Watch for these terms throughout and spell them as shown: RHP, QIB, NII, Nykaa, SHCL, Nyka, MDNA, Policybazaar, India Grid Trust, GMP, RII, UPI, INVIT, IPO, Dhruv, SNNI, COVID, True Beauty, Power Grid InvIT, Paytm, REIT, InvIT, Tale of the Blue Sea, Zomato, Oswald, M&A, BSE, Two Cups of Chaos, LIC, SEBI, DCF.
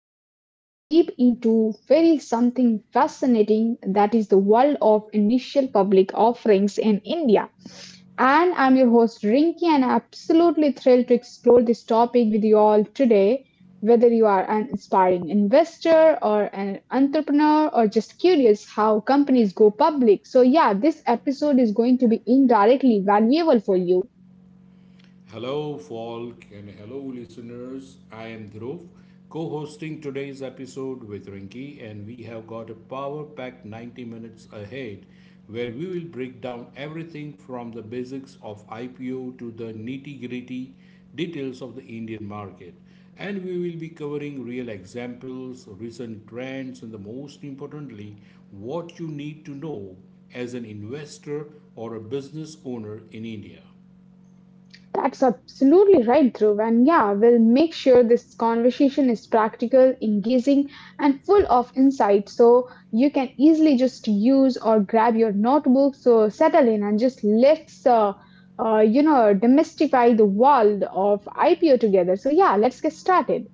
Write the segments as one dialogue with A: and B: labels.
A: we are diving deep into very something fascinating that is the world of initial public offerings in India. And I'm your host Rinki, and I'm absolutely thrilled to explore this topic with you all today. Whether you are an inspiring investor or an entrepreneur or just curious how companies go public. So, yeah, this episode is going to be indirectly valuable for you.
B: Hello, folk, and hello, listeners. I am Dhruv, co hosting today's episode with Rinki, and we have got a power packed 90 minutes ahead where we will break down everything from the basics of IPO to the nitty gritty details of the Indian market. And we will be covering real examples, recent trends, and the most importantly, what you need to know as an investor or a business owner in India.
A: That's absolutely right, Dhruv. And yeah, we'll make sure this conversation is practical, engaging, and full of insight. So you can easily just use or grab your notebook. So settle in and just let's demystify the world of IPO together. So yeah, let's get started.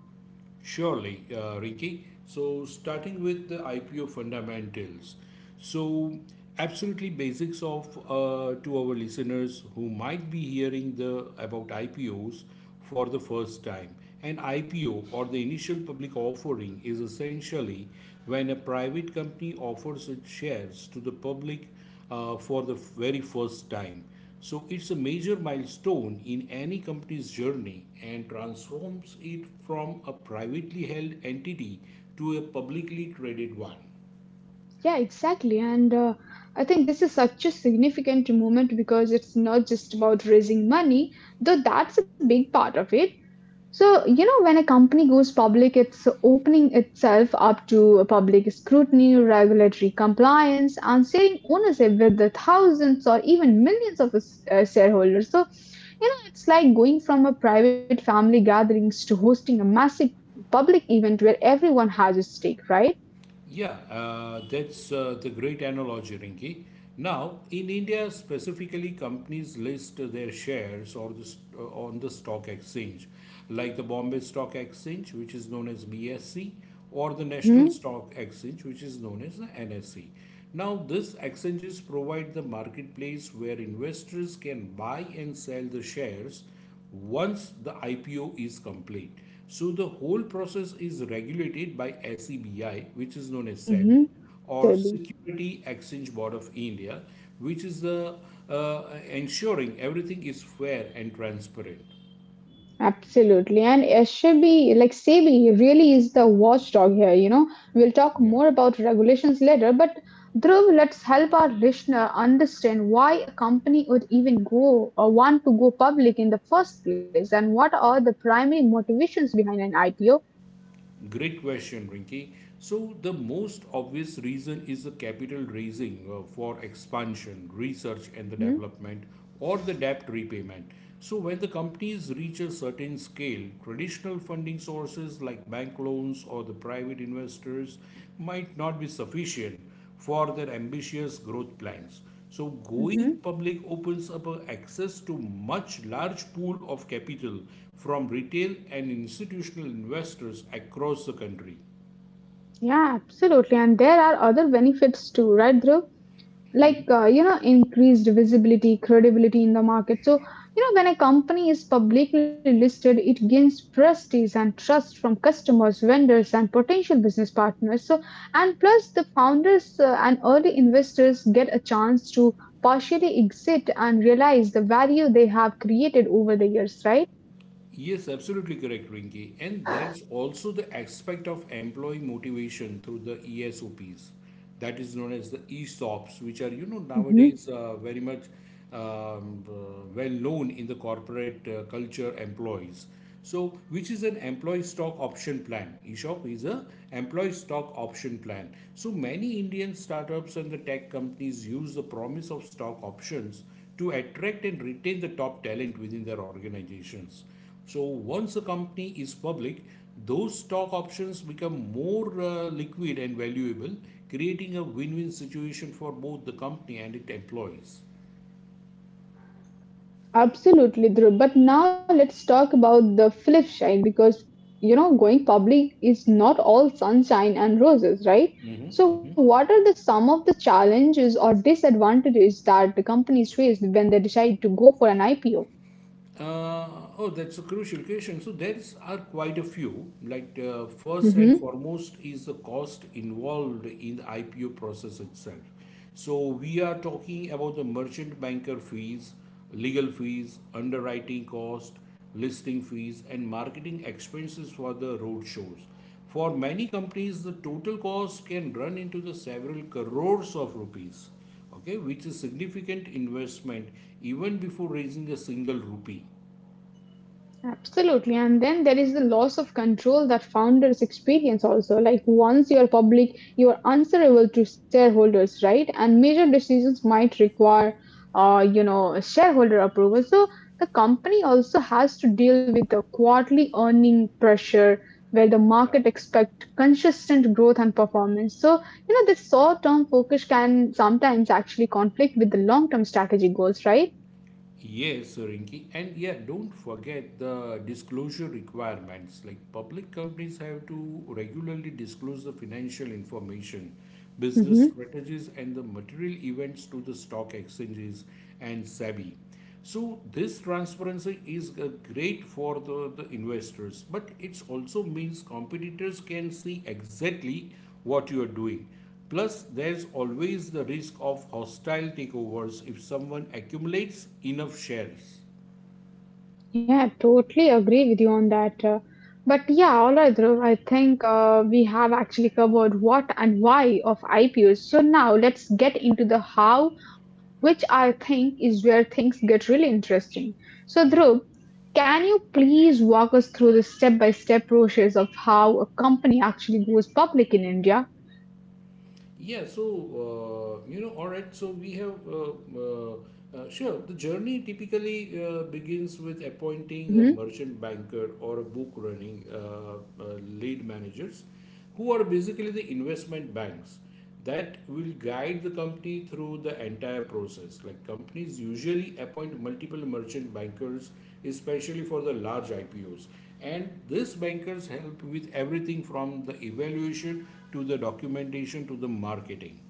B: Surely, Rinki. So, starting with the IPO fundamentals. So, absolutely basics of to our listeners who might be hearing the about IPOs for the first time. An IPO or the initial public offering is essentially when a private company offers its shares to the public for the very first time. So it's a major milestone in any company's journey and transforms it from a privately held entity to a publicly traded one.
A: Yeah, exactly. And I think this is such a significant moment because it's not just about raising money, though that's a big part of it. So, you know, when a company goes public, it's opening itself up to public scrutiny, regulatory compliance, and sharing ownership with the thousands or even millions of shareholders. So, you know, it's like going from a private family gatherings to hosting a massive public event where everyone has a stake, right?
B: Yeah, that's the great analogy, Rinki. Now, in India specifically, companies list their shares or on the stock exchange, like the Bombay Stock Exchange, which is known as BSE, or the National
A: Mm-hmm.
B: Stock Exchange, which is known as the NSE. Now, these exchanges provide the marketplace where investors can buy and sell the shares once the IPO is complete. So the whole process is regulated by SEBI, which is known as SEBI, or
A: Mm-hmm.
B: Security Exchange Board of India, which is the uh, ensuring everything is fair and transparent.
A: Absolutely. And SEBI, like SEBI, really is the watchdog here. You know, we'll talk
B: Yeah.
A: more about regulations later, but Dhruv, let's help our listener understand why a company would even go or want to go public in the first place and what are the primary motivations behind an IPO.
B: Great question, Rinki. So, the most obvious reason is the capital raising for expansion, research, and the
A: Hmm.
B: development, or the debt repayment. So, when the companies reach a certain scale, traditional funding sources like bank loans or the private investors might not be sufficient for their ambitious growth plans. So, going
A: Hmm.
B: public opens up access to much large pool of capital from retail and institutional investors across the country.
A: Yeah, absolutely. And there are other benefits too, right, Dhruv? Like, increased visibility, credibility in the market. So, when a company is publicly listed, it gains prestige and trust from customers, vendors, and potential business partners. So and plus the founders and early investors get a chance to partially exit and realize the value they have created over the years, right?
B: Yes, absolutely correct, Rinki. And there's also the aspect of employee motivation through the ESOPs, that is known as the ESOPs, which are you know
A: Mhm.
B: nowadays very much well known in the corporate culture employees. So, which is an employee stock option plan? ESOP is a employee stock option plan. So many Indian startups and the tech companies use the promise of stock options to attract and retain the top talent within their organizations. So once a company is public, those stock options become more liquid and valuable, creating a win-win situation for both the company and its employees.
A: Absolutely, Dhruv. But now let's talk about the flip side because going public is not all sunshine and roses, right? So what are the some of the challenges or disadvantages that the companies face when they decide to go for an IPO?
B: Uh, oh, that's a crucial question. So there's are quite a few. Like first and foremost is the cost involved in the IPO process itself. So we are talking about the merchant banker fees, legal fees, underwriting cost, listing fees, and marketing expenses for the road shows. For many companies, the total cost can run into the several crores of rupees, okay, which is significant investment even before raising a single rupee.
A: Absolutely. And then there is the loss of control that founders experience also. Like once you are public, you are answerable to shareholders, right? And major decisions might require, shareholder approval. So the company also has to deal with the quarterly earning pressure where the
B: Yeah.
A: market expect consistent growth and performance. So, you know, this short-term focus can sometimes actually conflict with the long-term strategy goals, right?
B: Yes, Rinki. And yeah, don't forget the disclosure requirements. Like public companies have to regularly disclose the financial information, business
A: Mhm.
B: strategies, and the material events to the stock exchanges and SEBI. So this transparency is great for the investors, but it also means competitors can see exactly what you are doing. Plus, there's always the risk of hostile takeovers if someone accumulates enough shares.
A: Yeah, totally agree with you on that. But yeah, all right, Dhruv, I think we have actually covered what and why of IPOs. So now let's get into the how, which I think is where things get really interesting. So, Dhruv, can you please walk us through the step by step process of how a company actually goes public in India?
B: Yeah, so you know, all right. So we have sure. The journey typically begins with appointing a
A: Mm-hmm.
B: merchant banker or a book running lead managers, who are basically the investment banks that will guide the company through the entire process. Like companies usually appoint multiple merchant bankers, especially for the large IPOs, and these bankers help with everything from the evaluation to the documentation to the marketing.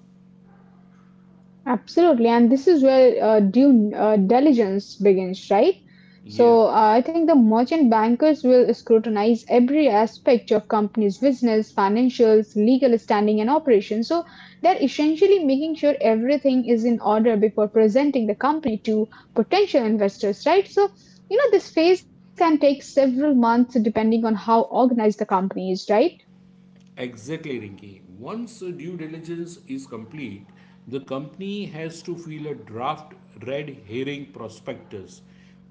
A: Absolutely, and this is where due diligence begins, right?
B: Yeah.
A: So, I think the merchant bankers will scrutinize every aspect of company's business, financials, legal standing, and operations. So, they're essentially making sure everything is in order before presenting the company to potential investors, right? So, you know, this phase can take several months depending on how organized the company is, right?
B: Exactly, Rinki. Once a due diligence is complete, the company has to file a draft red herring prospectus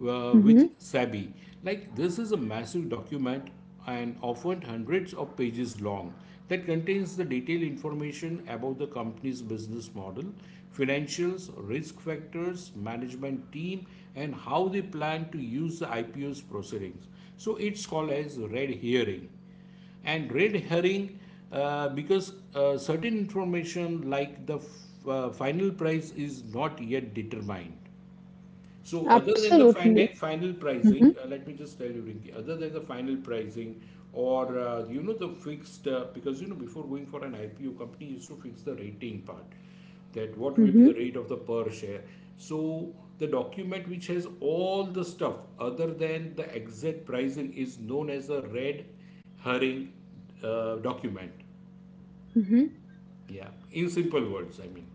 A: Mm-hmm.
B: with SEBI. Like, this is a massive document and often hundreds of pages long that contains the detailed information about the company's business model, financials, risk factors, management team, and how they plan to use the IPO's proceedings. So, it's called as red herring and red herring because certain information like the final price is not yet determined, so other than the
A: Absolutely.
B: final final
A: Mm-hmm.
B: pricing, let me just tell you, Rinki, other than the final pricing or you know the fixed because you know before going for an IPO, company used to fix the rating part, that what will be the rate of the per share. So the document which has all the stuff other than the exact pricing is known as a red herring document.
A: Mm-hmm.
B: Yeah, in simple words, I mean.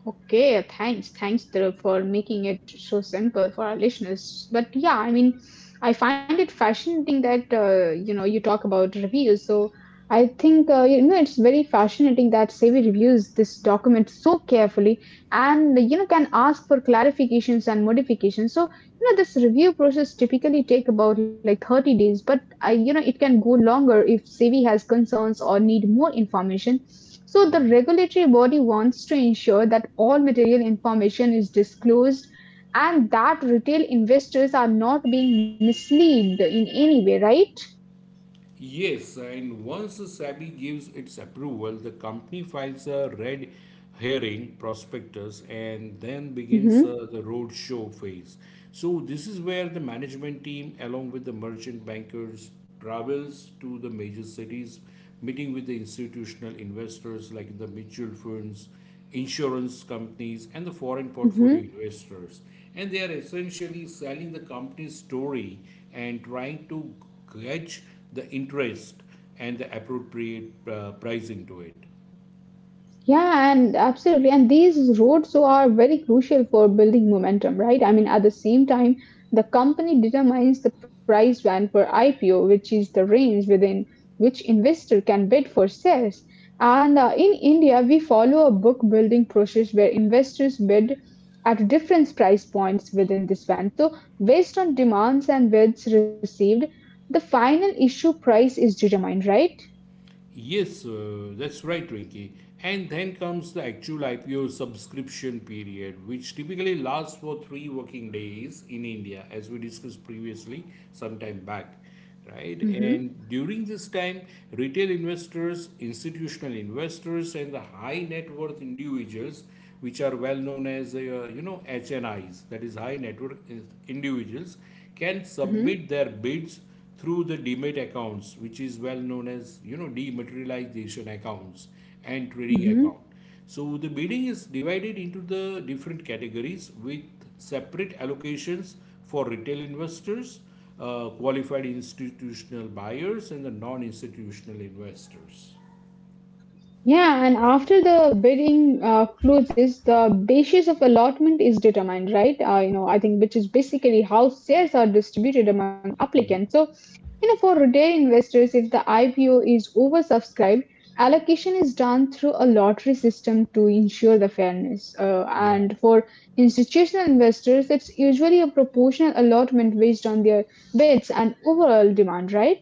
A: Okay, thanks. Thanks Dhruv, for making it so simple for our listeners. But yeah, I mean, I find it fascinating that you talk about reviews. So I think it's very fascinating that Sevi reviews this document so carefully, and can ask for clarifications and modifications. So this review process typically take about like 30 days, but I, it can go longer if Sevi has concerns or need more information. So the regulatory body wants to ensure that all material information is disclosed and that retail investors are not being misled in any way, right?
B: Yes, and once SEBI gives its approval, the company files a red herring prospectus and then begins
A: Mm-hmm.
B: the roadshow phase. So, this is where the management team, along with the merchant bankers, travels to the major cities, meeting with the institutional investors like the mutual funds insurance companies, and the foreign portfolio
A: Mm-hmm.
B: investors. And they are essentially selling the company's story and trying to gauge the interest and the appropriate pricing to it.
A: Yeah, and absolutely. And these roads are very crucial for building momentum, right? I mean, at the same time, the company determines the price band for IPO, which is the range within which investor can bid for shares. And in India, we follow a book building process where investors bid at different price points within this band. So, based on demands and bids received, the final issue price is determined, right?
B: Yes, that's right, Rinky. And then comes the actual IPO subscription period, which typically lasts for three working days in India, as we discussed previously some time back, right?
A: Mm-hmm.
B: And during this time, retail investors, institutional investors, and the high net worth individuals which are well known as HNIs, that is high net worth individuals, can
A: Mm-hmm.
B: submit their bids through the demat accounts, which is well known as you know dematerialization accounts and trading account. So the bidding is divided into the different categories with separate allocations for retail investors, qualified institutional buyers, and the non-institutional investors.
A: Yeah, and after the bidding closes, the basis of allotment is determined, right? I think which is basically how shares are distributed among applicants. So, you know, for retail investors, if the IPO is oversubscribed, allocation is done through a lottery system to ensure the fairness. Uh,
B: Yeah.
A: and for institutional investors, it's usually a proportional allotment based on their bids and overall demand, right?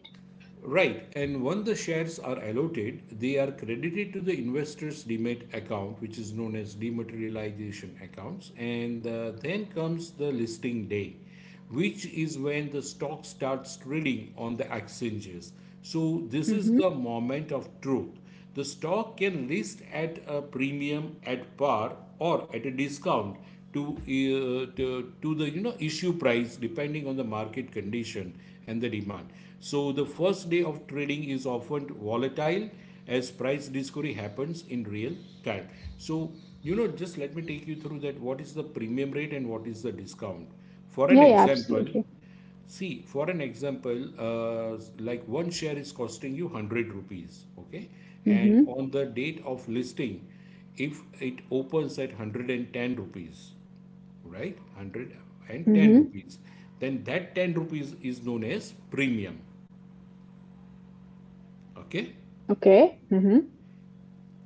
B: Right, and when the shares are allotted, they are credited to the investor's demat account, which is known as dematerialization accounts, and then comes the listing day, which is when the stock starts trading on the exchanges. So, this is
A: Mm-hmm.
B: the moment of truth. The stock can list at a premium, at par, or at a discount to the you know issue price depending on the market condition and the demand. So the first day of trading is often volatile as price discovery happens in real time. So you know just let me take you through that what is the premium rate and what is the discount. For an
A: Yeah, yeah,
B: example,
A: absolutely.
B: see, for an example, like one share is costing you 100 rupees, okay? And
A: Mm-hmm.
B: on the date of listing, if it opens at 110 rupees, right? 110
A: Mm-hmm.
B: rupees, then that 10 rupees is known as premium, okay?
A: Okay. Mm-hmm.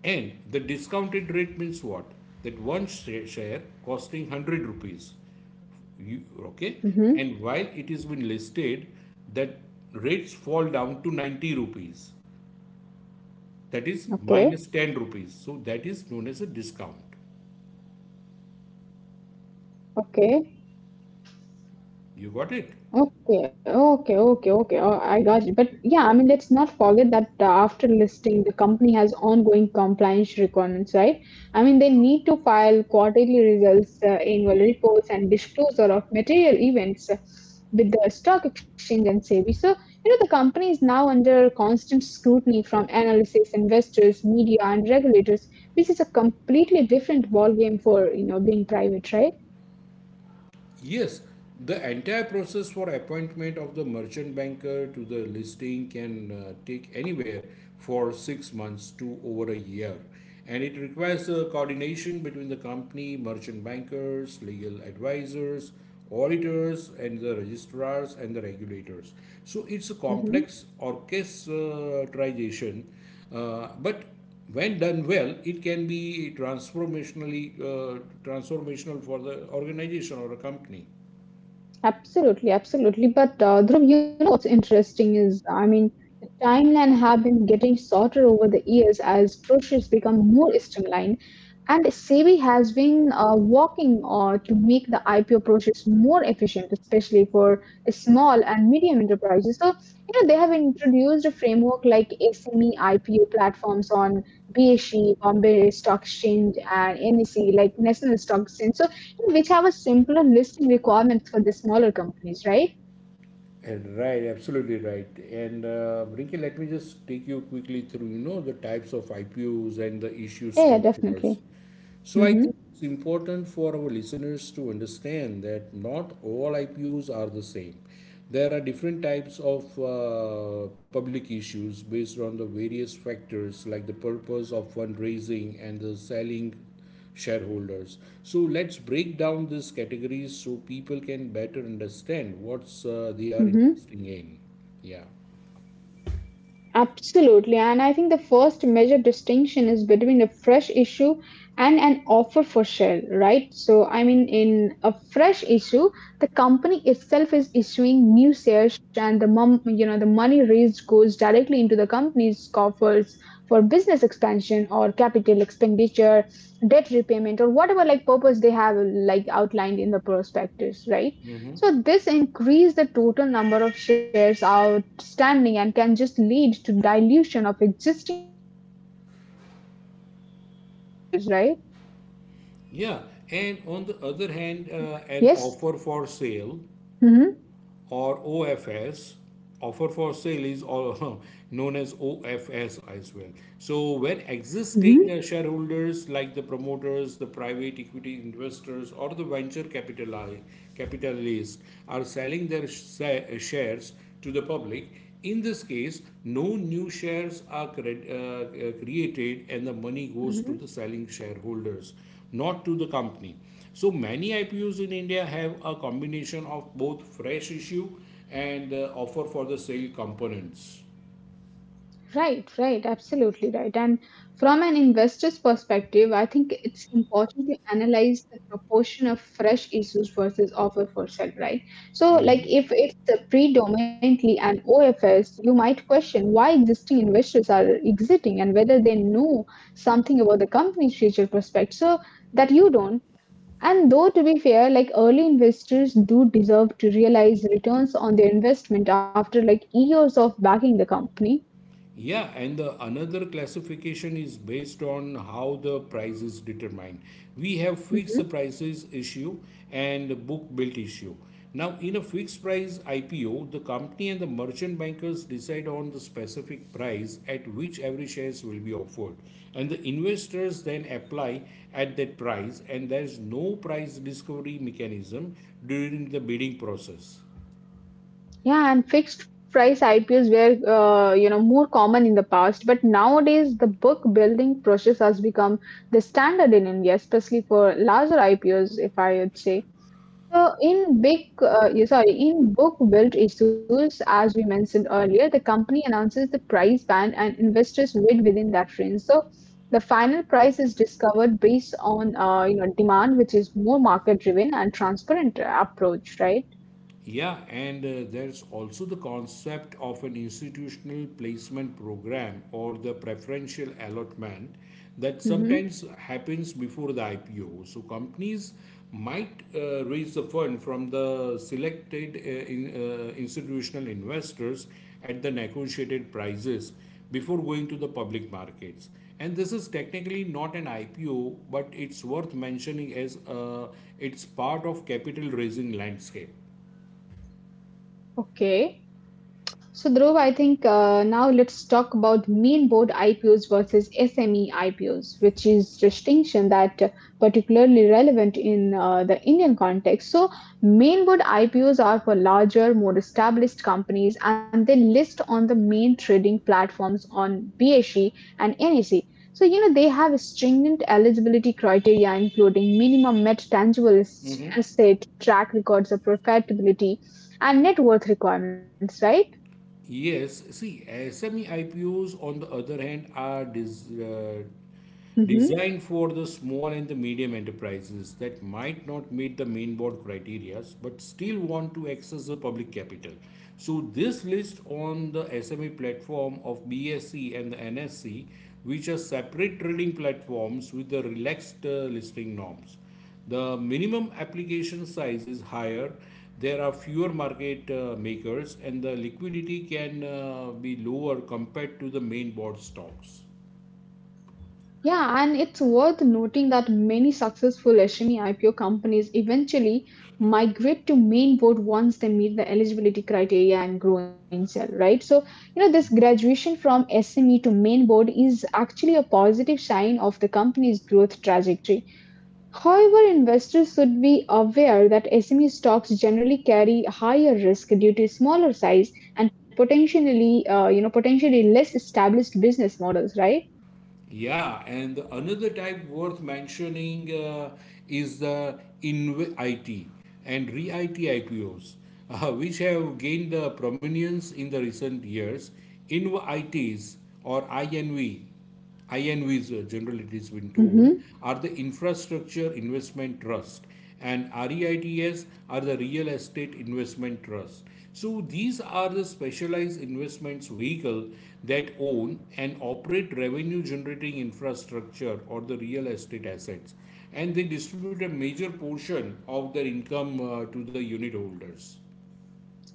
B: And the discounted rate means what? That one share costing 100 rupees, you, okay? And
A: Mm-hmm.
B: while it is been listed, that rates fall down to 90 rupees, that is minus
A: Okay,
B: 10 rupees. So that is known as a discount.
A: okay,
B: You got it?
A: okay, okay, okay, okay. Oh, I got you. But yeah, I mean, let's not forget that after listing, the company has ongoing compliance requirements, right? I mean, they need to file quarterly results, annual reports, and disclosure of material events with the stock exchange and SEBI. So, you know, the company is now under constant scrutiny from analysts, investors, media, and regulators. This is a completely different ballgame for, you know, being private, right?
B: Yes, the entire process for appointment of the merchant banker to the listing can take anywhere for 6 months to over a year, and it requires a coordination between the company, merchant bankers, legal advisors, auditors and the registrars and the regulators. So it's a complex orchestration, but when done well, it can be transformational for the organization or a company.
A: Absolutely, absolutely. But Dhruv, you know what's interesting is, I mean, the timeline have been getting shorter over the years as processes become more streamlined, and SEBI has been working to make the IPO process more efficient, especially for small and medium enterprises. So, you know, they have introduced a framework like SME IPO platforms on BSE, Bombay Stock Exchange, and NSE, like National Stock Exchange. So which have a simpler list of requirements for the smaller companies, right?
B: And right, absolutely right. And Rinki, let me just take you quickly through, you know, the types of I P IPOs and the issue
A: Yeah, yeah,
B: structures.
A: definitely.
B: So I
A: Mm-hmm.
B: think it's important for our listeners to understand that not all I P IPOs are the same. There are different types of public issues based on the various factors like the purpose of fundraising and the selling shareholders. So let's break down these categories so people can better understand what's they are
A: Mm-hmm.
B: investing in. Yeah.
A: Absolutely, and I think the first major distinction is between a fresh issue and an offer for sale, right? So, I mean, in a fresh issue, the company itself is issuing new shares, and the mom, you know, the money raised goes directly into the company's coffers for business expansion or capital expenditure, debt repayment, or whatever like purpose they have like outlined in the prospectus, right? So this increase the total number of shares outstanding and can just lead to dilution of existing shareholders' ownership percentage, right?
B: Yeah, and on the other hand,
A: Yes.
B: an offer for sale
A: Hmm.
B: or OFS offer for sale is all known as OFS as well. So when
A: Hmm.
B: existing shareholders like the promoters, the private equity investors or the capitalists are selling their shares to the public, in this case, no new shares are created and the money goes to the
A: Hmm.
B: selling shareholders, not to the company. So many IPOs in India have a combination of both fresh issue and offer for the sale components.
A: Right, right, absolutely right. And from an investor's perspective, I think it's important to analyze the proportion of fresh issues versus offer for sale, right? So, like
B: Mm-hmm.
A: if it's predominantly an OFS, you might question why existing investors are exiting and whether they know something about the company's future prospects. So that you don't. And though to be fair, like early investors do deserve to realize returns on their investment after like years of backing the company.
B: Yeah, and the another classification is based on how the price is determined. We have fixed the prices issue and book built issue. Now, in a fixed price IPO, the company and the merchant bankers decide on the specific price at which every shares will be offered, and the investors then apply at that price, and there's no price discovery mechanism during the bidding process.
A: Yeah, and fixed price IPOs were, more common in the past, but nowadays the book building process has become the standard in India, especially for larger IPOs, if I would say. So, yeah, sorry, in book built issues, as we mentioned earlier, the company announces the price band and investors bid within that range. So, the final price is discovered based on, demand, which is more market driven and transparent approach, right?
B: Yeah, and there's also the concept of an institutional placement program or the preferential allotment that
A: Mm-hmm.
B: sometimes happens before the IPO. So companies might raise the fund from the selected institutional investors at the negotiated prices before going to the public markets. And this is technically not an IPO, but it's worth mentioning as it's part of capital raising landscape.
A: Okay. So, Dhruv, I think now let's talk about main board IPOs versus SME IPOs, which is distinction that particularly relevant in the Indian context. So, main board IPOs are for larger, more established companies, and they list on the main trading platforms on BSE and NSE. So, you know, they have stringent eligibility criteria, including minimum net tangible asset, track records of profitability, and net worth requirements, right?
B: Yes, see, SME IPOs on the other hand are
A: Mhm.
B: designed for the small and the medium enterprises that might not meet the main board criteria but still want to access the public capital. So, this list on the SME platform of BSE and the NSE, which are separate trading platforms with the relaxed listing norms. The minimum application size is higher. There are fewer market makers, and the liquidity can be lower compared to the main board stocks.
A: Yeah, and it's worth noting that many successful SME IPO companies eventually migrate to main board once they meet the eligibility criteria and grow in sell, right? So, you know, this graduation from SME to main board is actually a positive sign of the company's growth trajectory. However, investors should be aware that SME stocks generally carry higher risk due to smaller size and potentially less established business models, right?
B: Yeah, and another type worth mentioning is the INVIT and REIT it IPOs, which have gained prominence in the recent years. INVITs or INVs generally it is been told, are the Infrastructure Investment Trust and REITs are the real estate investment trust. So these are the specialized investments vehicle that own and operate revenue generating infrastructure or the real estate assets and they distribute a major portion of their income to the unit holders.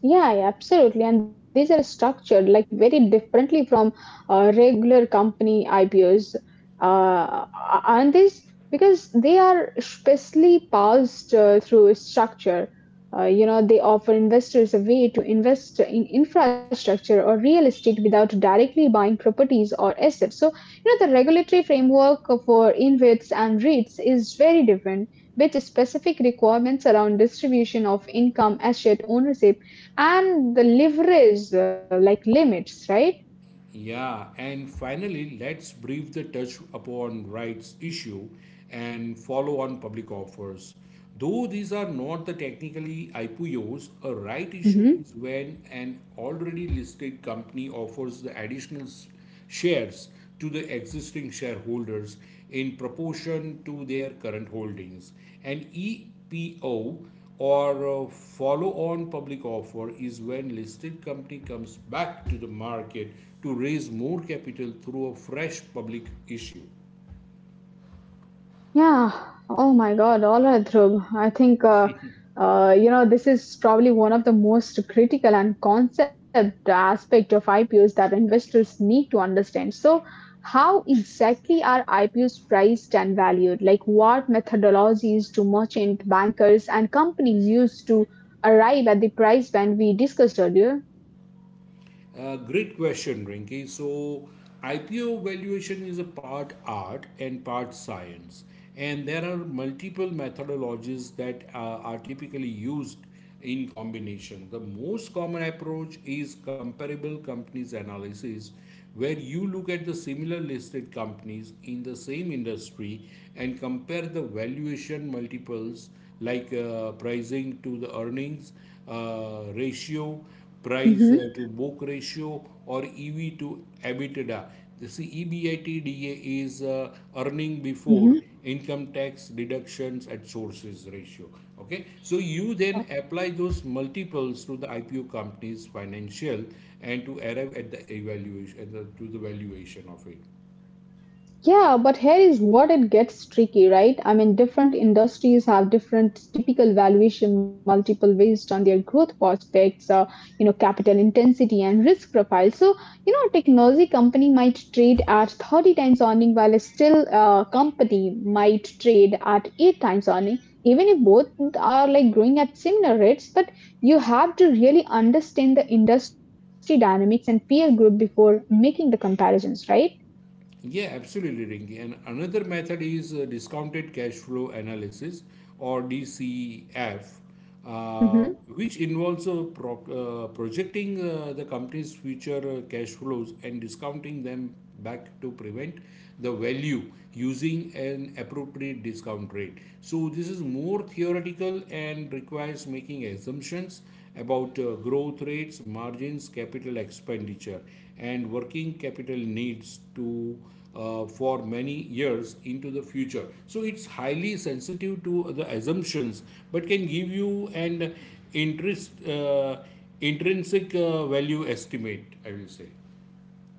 A: Yeah, yeah, absolutely. And these are structured like very differently regular company IPOs, uh, aren't these? Because they are specially passed through a structure. They offer investors a way to invest in infrastructure or real estate without directly buying properties or assets. So, you know, the regulatory framework for InvITs and REITs is very different, with specific requirements around distribution of income, asset ownership, and the leverage like limits, right?
B: Yeah, and finally, let's brief the touch upon rights issue and follow on public offers. Though these are not the technically IPOs, a right issue is when an already listed company offers the additional shares to the existing shareholders in proportion to their current holdings. An EPO or follow on public offer is when listed company comes back to the market to raise more capital through a fresh public issue.
A: Yeah. Oh my God. All right, Dhruv. I think this is probably one of the most critical and concept aspect of IPOs that investors need to understand. So, how exactly are IPOs priced and valued? Like, what methodologies do merchant bankers and companies use to arrive at the price band we discussed earlier?
B: Great question, Rinky. So, IPO valuation is a part art and part science, and there are multiple methodologies that are typically used in combination. The most common approach is comparable companies analysis, where you look at the similar listed companies in the same industry and compare the valuation multiples like pricing to the earnings ratio, price
A: Mm-hmm.
B: to book ratio, or EV to EBITDA. The see, EBITDA is earning
A: Mm-hmm.
B: before income tax deductions at sources ratio. Okay, so you then apply those multiples to the IPO company's financial and to arrive at the evaluation to the valuation of it.
A: Yeah, but here is what it gets tricky, right? I mean, different industries have different typical valuation multiple based on their growth prospects, capital intensity and risk profile. So, you know, a technology company might trade at 30 times earning while a still company might trade at 8 times earning, even if both are like growing at similar rates. But you have to really understand the industry dynamics and peer group before making the comparisons, right?
B: Yeah, absolutely, Rinky. And another method is discounted cash flow analysis or DCF, uh, which involves projecting the company's future cash flows and discounting them back to prevent the value using an appropriate discount rate. So, this is more theoretical and requires making assumptions about growth rates, margins, capital expenditure, and working capital needs to for many years into the future. So it's highly sensitive to the assumptions, but can give you an interest intrinsic value estimate, I will say.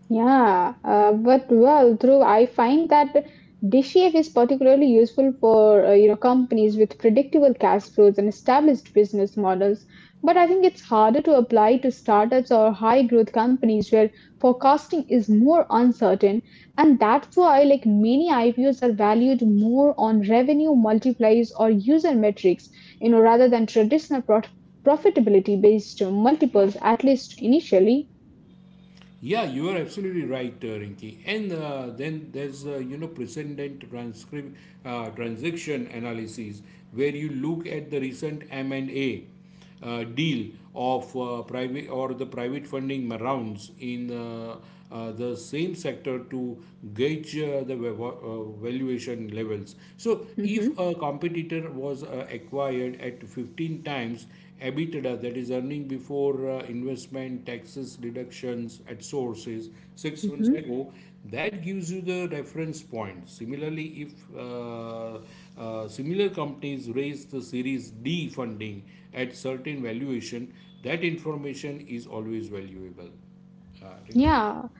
A: Yeah, but well, through I find that DCF is particularly useful for you know companies with predictable cash flows and established business models. But I think it's harder to apply to startups or high growth companies where forecasting is more uncertain, and that's why like many IPOs are valued more on revenue multipliers or user metrics, you know, rather than traditional profitability based multiples, at least initially.
B: Yeah, you are absolutely right, Rinki. And then there's you know precedent transcript transaction analysis where you look at the recent M and A deal of private or the private funding rounds in the same sector to gauge the valuation levels. So, if
A: hmm
B: a competitor was acquired at 15 times EBITDA, that is earning before investment, taxes, deductions at sources 6 months
A: hmm
B: ago, that gives you the reference point. Similarly, if similar companies raise the Series D funding at certain valuation, that information is always valuable. Rinki.
A: Yeah.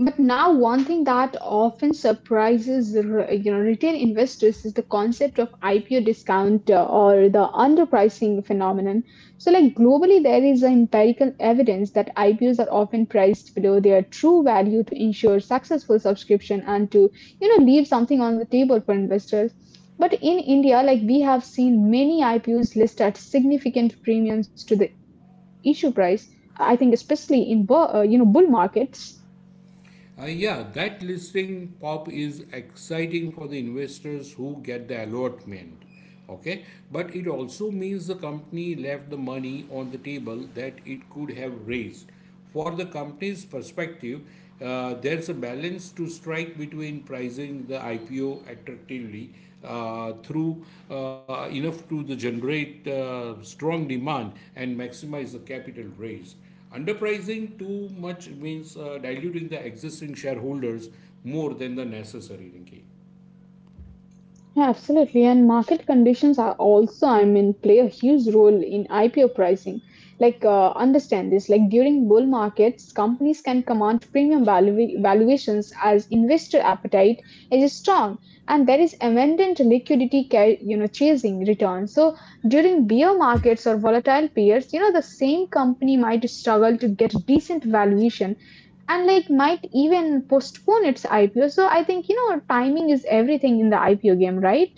A: But now, one thing that often surprises the you know retail investors is the concept of IPO discount or the underpricing phenomenon. So, like globally, there is empirical evidence that IPOs are often priced below their true value to ensure successful subscription and to you know leave something on the table for investors. But in India, like we have seen many IPOs list at significant premiums to the issue price. I think especially in you know bull markets.
B: Yeah, that listing pop is exciting for the investors who get the allotment. Okay, but it also means the company left the money on the table that it could have raised. For the company's perspective, there's a balance to strike between pricing the IPO attractively through enough to the generate strong demand and maximize the capital raise. Underpricing too much means diluting the existing shareholders more than the necessary, Rinki.
A: Yeah, absolutely. And market conditions are also, I mean, play a huge role in IPO pricing. Like, understand this, like during bull markets, companies can command premium valuations as investor appetite is strong and there is abundant liquidity, you know, chasing returns. So during bear markets or volatile periods, you know, the same company might struggle to get decent valuation and like might even postpone its IPO. So I think, you know, timing is everything in the IPO game, right?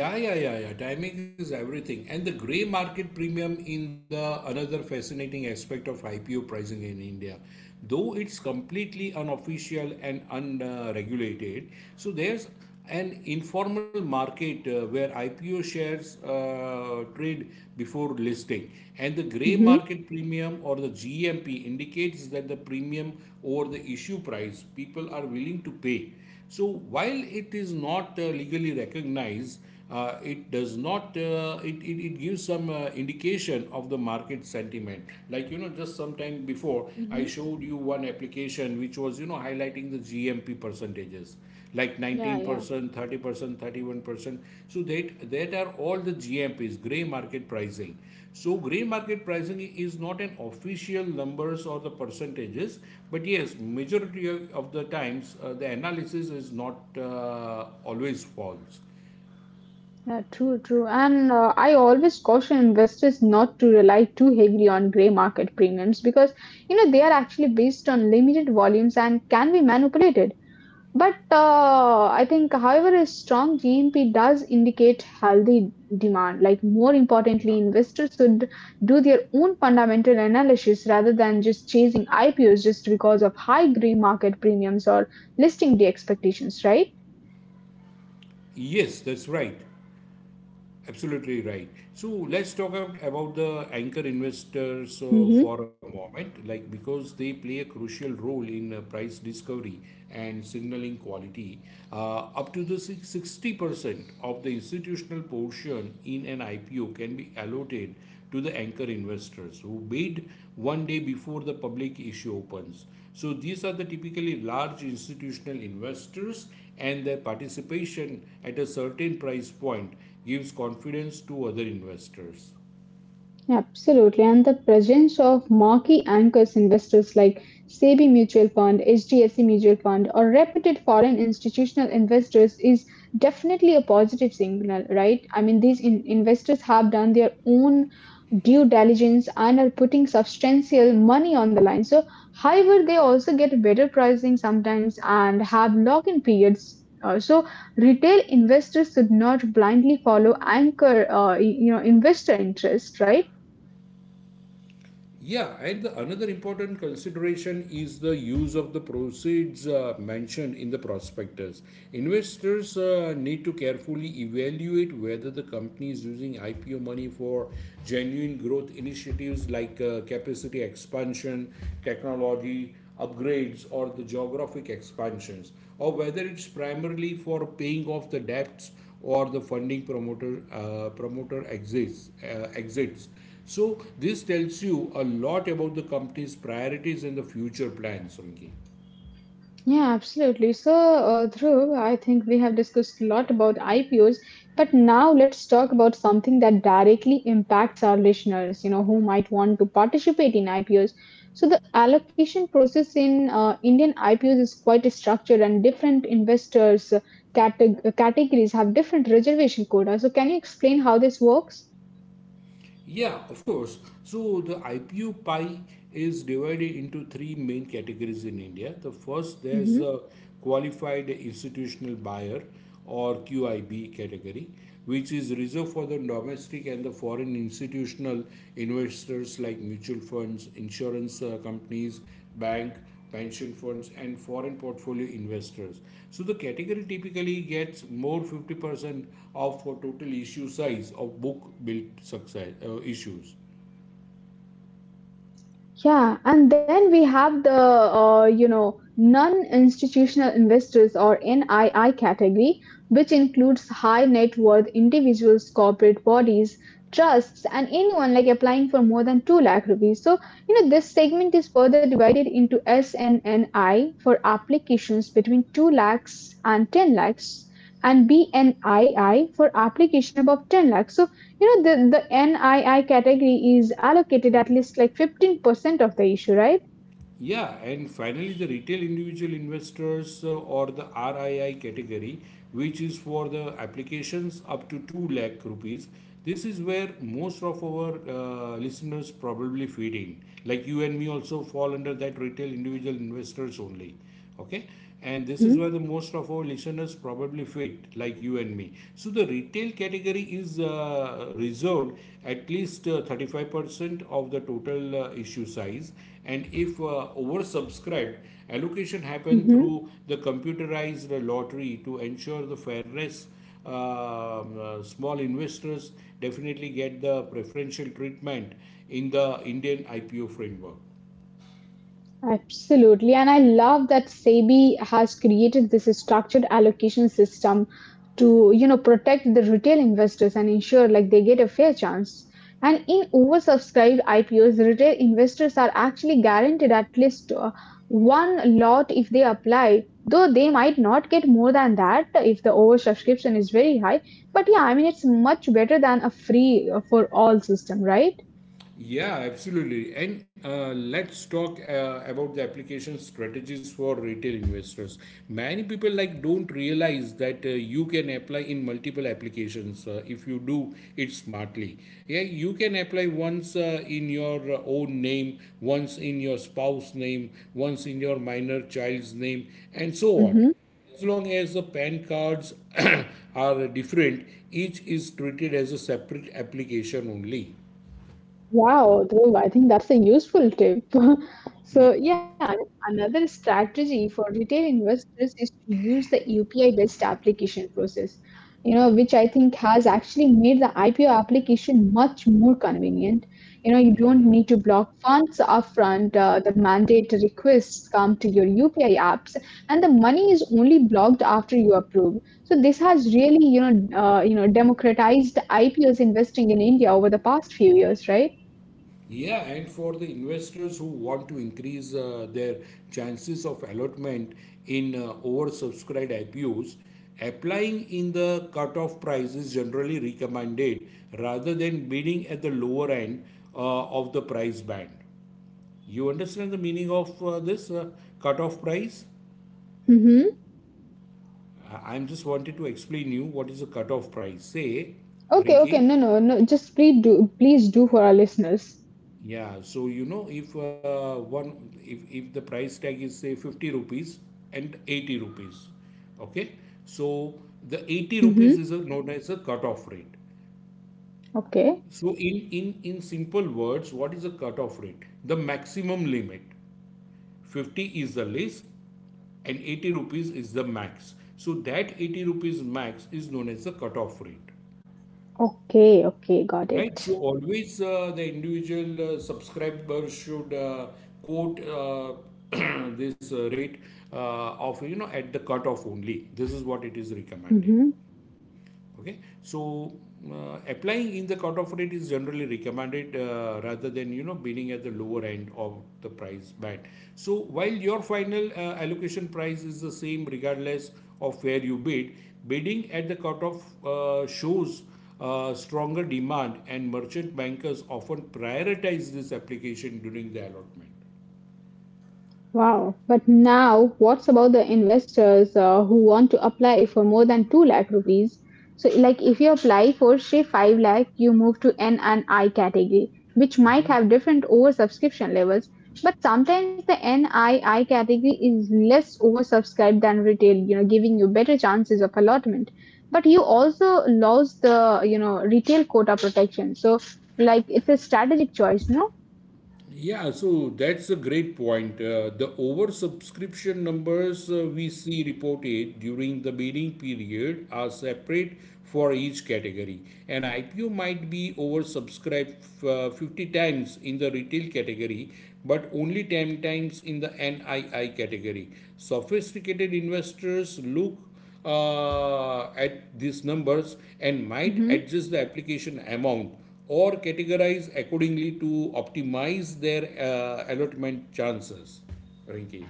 B: Yeah, yeah, yeah, yeah. Timing is everything. And the gray market premium in the another fascinating aspect of IPO pricing in India. Though it's completely unofficial and unregulated, so there's an informal market where IPO shares trade before listing. And the gray
A: hmm
B: market premium or the GMP indicates that the premium over the issue price people are willing to pay. So while it is not legally recognized, it does not it gives some indication of the market sentiment, like you know just some time before I
A: hmm
B: showed you one application which was you know highlighting the GMP percentages like
A: Yeah, yeah.
B: 19%, 30%, 31%. So that are all the GMPs, gray market pricing. So gray market pricing is not an official numbers or the percentages, but yes, majority of the times the analysis is not always false.
A: Yeah, true, true. And I always caution investors not to rely too heavily on gray market premiums because, you know, they are actually based on limited volumes and can be manipulated. But I think, however, a strong GNP does indicate healthy demand. Like, more
B: Yeah.
A: importantly, investors should do their own fundamental analysis rather than just chasing IPOs just because of high gray market premiums or listing day expectations, right?
B: Yes, that's right. Absolutely right. So let's about the anchor investors
A: Mhm.
B: for a moment, like because they play a crucial role in price discovery and signaling quality. Up to the six sixty percent of the institutional portion in an IPO can be allotted to the anchor investors who bid one day before the public issue opens. So these are the typically large institutional investors and their participation at a certain price point gives confidence to other investors.
A: Absolutely. And the presence of marquee anchors investors like SEBI Mutual Fund, HDFC Mutual Fund, or reputed foreign institutional investors is definitely a positive signal, right? I mean, these investors have done their own due diligence and are putting substantial money on the line. So, however, they also get better pricing sometimes and have lock in periods. So, retail investors should not blindly follow anchor, investor interest, right?
B: Yeah, and the another important consideration is the use of the proceeds mentioned in the prospectus. Investors need to carefully evaluate whether the company is using IPO money for genuine growth initiatives like capacity expansion, technology upgrades, or the geographic expansions, or whether it's primarily for paying off the debts or the funding promoter exits. So this tells you a lot about the company's priorities and the future plans, Runki.
A: Yeah, absolutely. So, Dhruv, I think we have discussed a lot about IPOs, but now let's talk about something that directly impacts our listeners, you know, who might want to participate in IPOs. So, the allocation process in Indian IPOs is quite structured, and different investors' categories have different reservation quotas. So, can you explain how this works?
B: Yeah, of course. So the IPO pie is divided into 3 main categories in India. The first, there's a qualified institutional buyer or QIB category, which is reserved for the domestic and the foreign institutional investors like mutual funds, insurance companies, bank pension funds and foreign portfolio investors. So the category typically gets more 50% of for total issue size of book built success issues.
A: Yeah, and then we have the you know non-institutional investors or NII category, which includes high net worth individuals, corporate bodies, trusts, and anyone like applying for more than two lakh rupees. So you know this segment is further divided into SNNI for applications between two lakhs and ten lakhs, and BNII for application above ten lakhs. So you know, the NII category is allocated at least like 15% of the issue, right?
B: Yeah, and finally the retail individual investors or the RII category, which is for the applications up to 2 lakh rupees. This is where most of our listeners probably feeding like you and me also fall under that retail individual investors only. Okay, and this is
A: Mm-hmm.
B: where the most of our listeners probably fit like you and me. So the retail category is reserved at least 35% of the total issue size, and if oversubscribed, allocation happen through the computerized lottery to ensure the fairness. Small investors definitely get the preferential treatment in the Indian IPO framework.
A: Absolutely. And I love that SEBI has created this structured allocation system to, you know, protect the retail investors and ensure like they get a fair chance. And in oversubscribed IPOs, retail investors are actually guaranteed at least one lot if they apply, though they might not get more than that if the oversubscription is very high. But yeah, I mean, it's much better than a free for all system, right?
B: Yeah, absolutely. And let's talk about the application strategies for retail investors. Many people like don't realize that you can apply in multiple applications if you do it smartly. Yeah, you can apply once in your own name, once in your spouse name, once in your minor child's name, and so on.
A: Mm-hmm.
B: As long as the PAN cards are different, each is treated as a separate application only.
A: Wow, Dhruv, I think that's a useful tip. So, yeah, another strategy for retail investors is to use the UPI-based application process, you know, which I think has actually made the IPO application much more convenient. You know, you don't need to block funds upfront. The mandate requests come to your UPI apps, and the money is only blocked after you approve. So this has really, you know, democratized IPOs investing in India over the past few years, right?
B: Yeah, and for the investors who want to increase their chances of allotment in oversubscribed IPOs, applying in the cutoff price is generally recommended rather than bidding at the lower end of the price band. You understand the meaning of this cutoff price?
A: Mm-hmm.
B: I- I'm just wanted to explain you what is a cutoff price. Say,
A: Okay, okay.
B: Rinki,
A: No, no, no. Just please do, please do for our listeners.
B: yeah, so you know if one if the price tag is say 50 rupees and 80 rupees, okay? So the 80 rupees
A: Mm-hmm.
B: is a, known as a cutoff rate.
A: Okay.
B: So in simple words, what is a cutoff rate? The maximum limit. 50 is the least and 80 rupees is the max. So that 80 rupees max is known as the cutoff rate.
A: Okay, okay. Got
B: Right,
A: it.
B: so always the individual subscriber should quote this rate of you know at the cutoff only. This is what it is recommended.
A: Mm-hmm.
B: Okay, so applying in the cutoff rate is generally recommended rather than you know bidding at the lower end of the price band. So while your final allocation price is the same regardless of where you bid, bidding at the cutoff shows stronger demand and merchant bankers often prioritize this application during the allotment.
A: Wow. But now, what's about the investors who want to apply for more than 2 lakh rupees? So, like if you apply for, say, 5 lakh, you move to N and I category, which might have different oversubscription levels. But sometimes the NII category is less oversubscribed than retail, you know, giving you better chances of allotment. But you also lose the, you know, retail quota protection. So, like it's a strategic choice, no?
B: Yeah, so that's a great point. The oversubscription numbers we see reported during the bidding period are separate for each category. An IPO might be oversubscribed 50 times in the retail category, but only 10 times in the NII category. Sophisticated investors look at these numbers and might
A: Mm-hmm.
B: adjust the application amount or categorize accordingly to optimize their allotment chances. Rinki.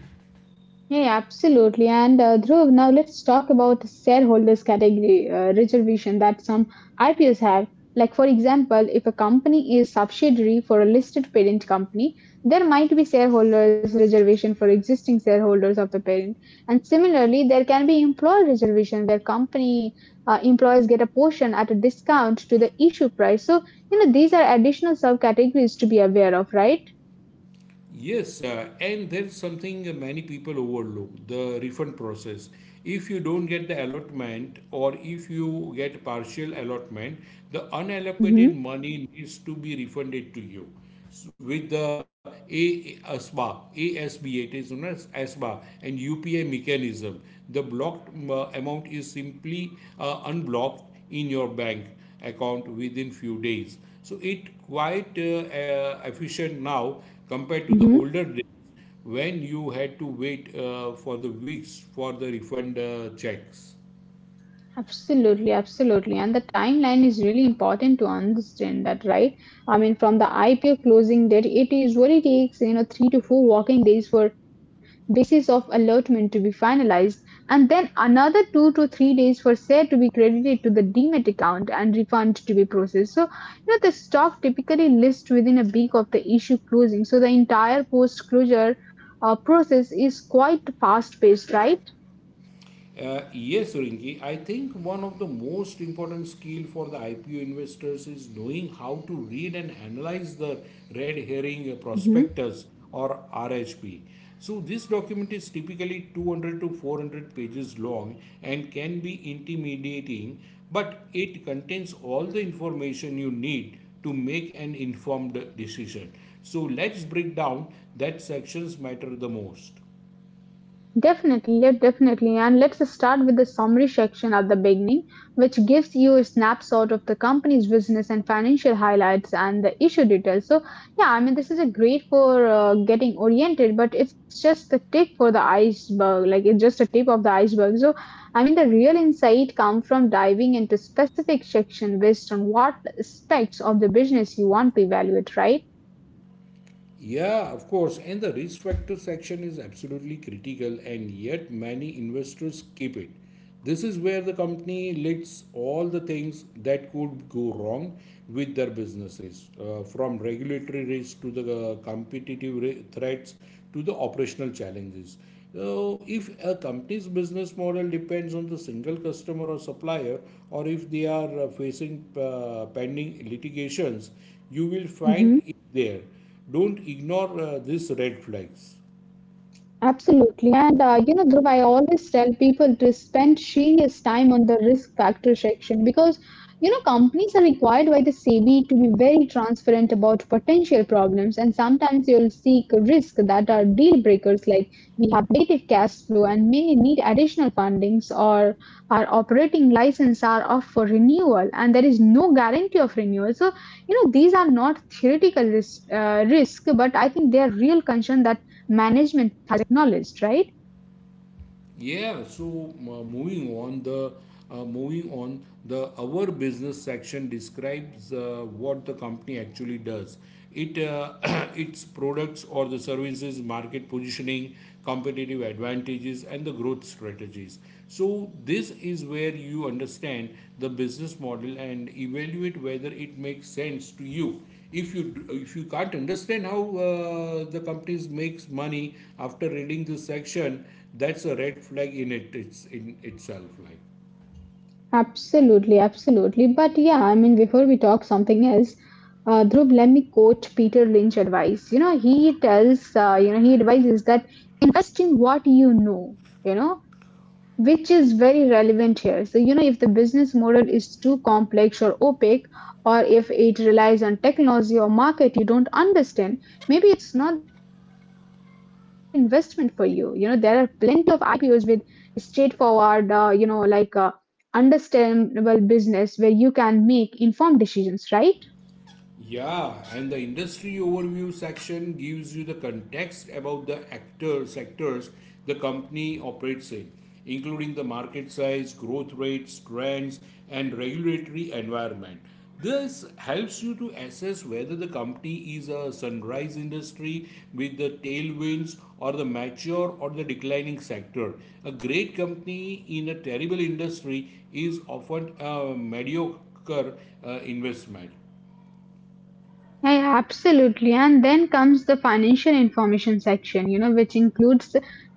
A: Yeah, absolutely. And Dhruv, now let's talk about the shareholders category reservation that some IPOs have. Like, for example, if a company is subsidiary for a listed parent company, there might be shareholders reservation for existing shareholders of the parent. And similarly, there can be employer reservation where company employees get a portion at a discount to the issue price. So, you know, these are additional subcategories to be aware of, right?
B: Yes, and there's something many people overlook the refund process. If you don't get the allotment or if you get partial allotment, the unallocated
A: Mm-hmm.
B: money needs to be refunded to you. With the ASBA, it is known as ASBA and UPI mechanism. The blocked amount is simply unblocked in your bank account within few days. So it quite efficient now compared to the older days when you had to wait for the weeks for the refund checks.
A: Absolutely, absolutely. And the timeline is really important to understand that, right? I mean, from the IPO closing date, it usually takes, you know, 3 to 4 working days for basis of allotment to be finalized, and then another two to three days for share to be credited to the demat account and refund to be processed. So, you know, the stock typically lists within a week of the issue closing. So the entire post-closure process is quite fast-paced, right?
B: Yes, Rinki. I think one of the most important skill for the IPO investors is knowing how to read and analyze the red herring
A: Mm-hmm.
B: prospectus, or RHP. So this document is typically 200 to 400 pages long and can be intimidating, but it contains all the information you need to make an informed decision. So let's break down that sections matter the most.
A: Definitely, yeah, definitely. And let's start with the summary section at the beginning, which gives you a snapshot of the company's business and financial highlights and the issue details. So, yeah, I mean, this is a great for getting oriented, but it's just the tip for the iceberg. Like, it's just a tip of the iceberg. So, I mean, the real insight come from diving into specific section based on what aspects of the business you want to evaluate, right?
B: Yeah, of course. And the risk factor section is absolutely critical, and yet many investors keep it. This is where the company lists all the things that could go wrong with their businesses, from regulatory risk to the threats to the operational challenges. So, if a company's business model depends on the single customer or supplier, or if they are facing pending litigations, you will find there. Don't ignore these red flags.
A: Absolutely. And Dhruv, I always tell people to spend serious time on the risk factor section because you know companies are required by the SEBI to be very transparent about potential problems, and sometimes you'll seek risk that are deal breakers, like we have negative cash flow and may need additional fundings, or our operating license are up for renewal, and there is no guarantee of renewal. So you know, these are not theoretical risk, but I think they are real concern that management knowledge, right?
B: Yeah. So moving on the our business section describes what the company actually does. It its products or the services, market positioning, competitive advantages, and the growth strategies. So this is where you understand the business model and evaluate whether it makes sense to you. If you if you can't understand how the companies makes money after reading this section, that's a red flag in it it's in itself, like.
A: Absolutely, absolutely. But yeah, I mean, before we talk something else, Dhruv, let me quote Peter Lynch advice. You know, he tells, he advises that invest in what you know, which is very relevant here. So, you know, if the business model is too complex or opaque, or if it relies on technology or market you don't understand, maybe it's not the right investment for you. You know, there are plenty of IPOs with straightforward, understandable business where you can make informed decisions, right?
B: Yeah, and the industry overview section gives you the context about the actor sectors the company operates in, including the market size, growth rates, trends, and regulatory environment. This helps you to assess whether the company is a sunrise industry with the tailwinds or the mature or the declining sector. A great company in a terrible industry is often a mediocre investment.
A: Yeah, yeah, absolutely. And then comes the financial information section, you know, which includes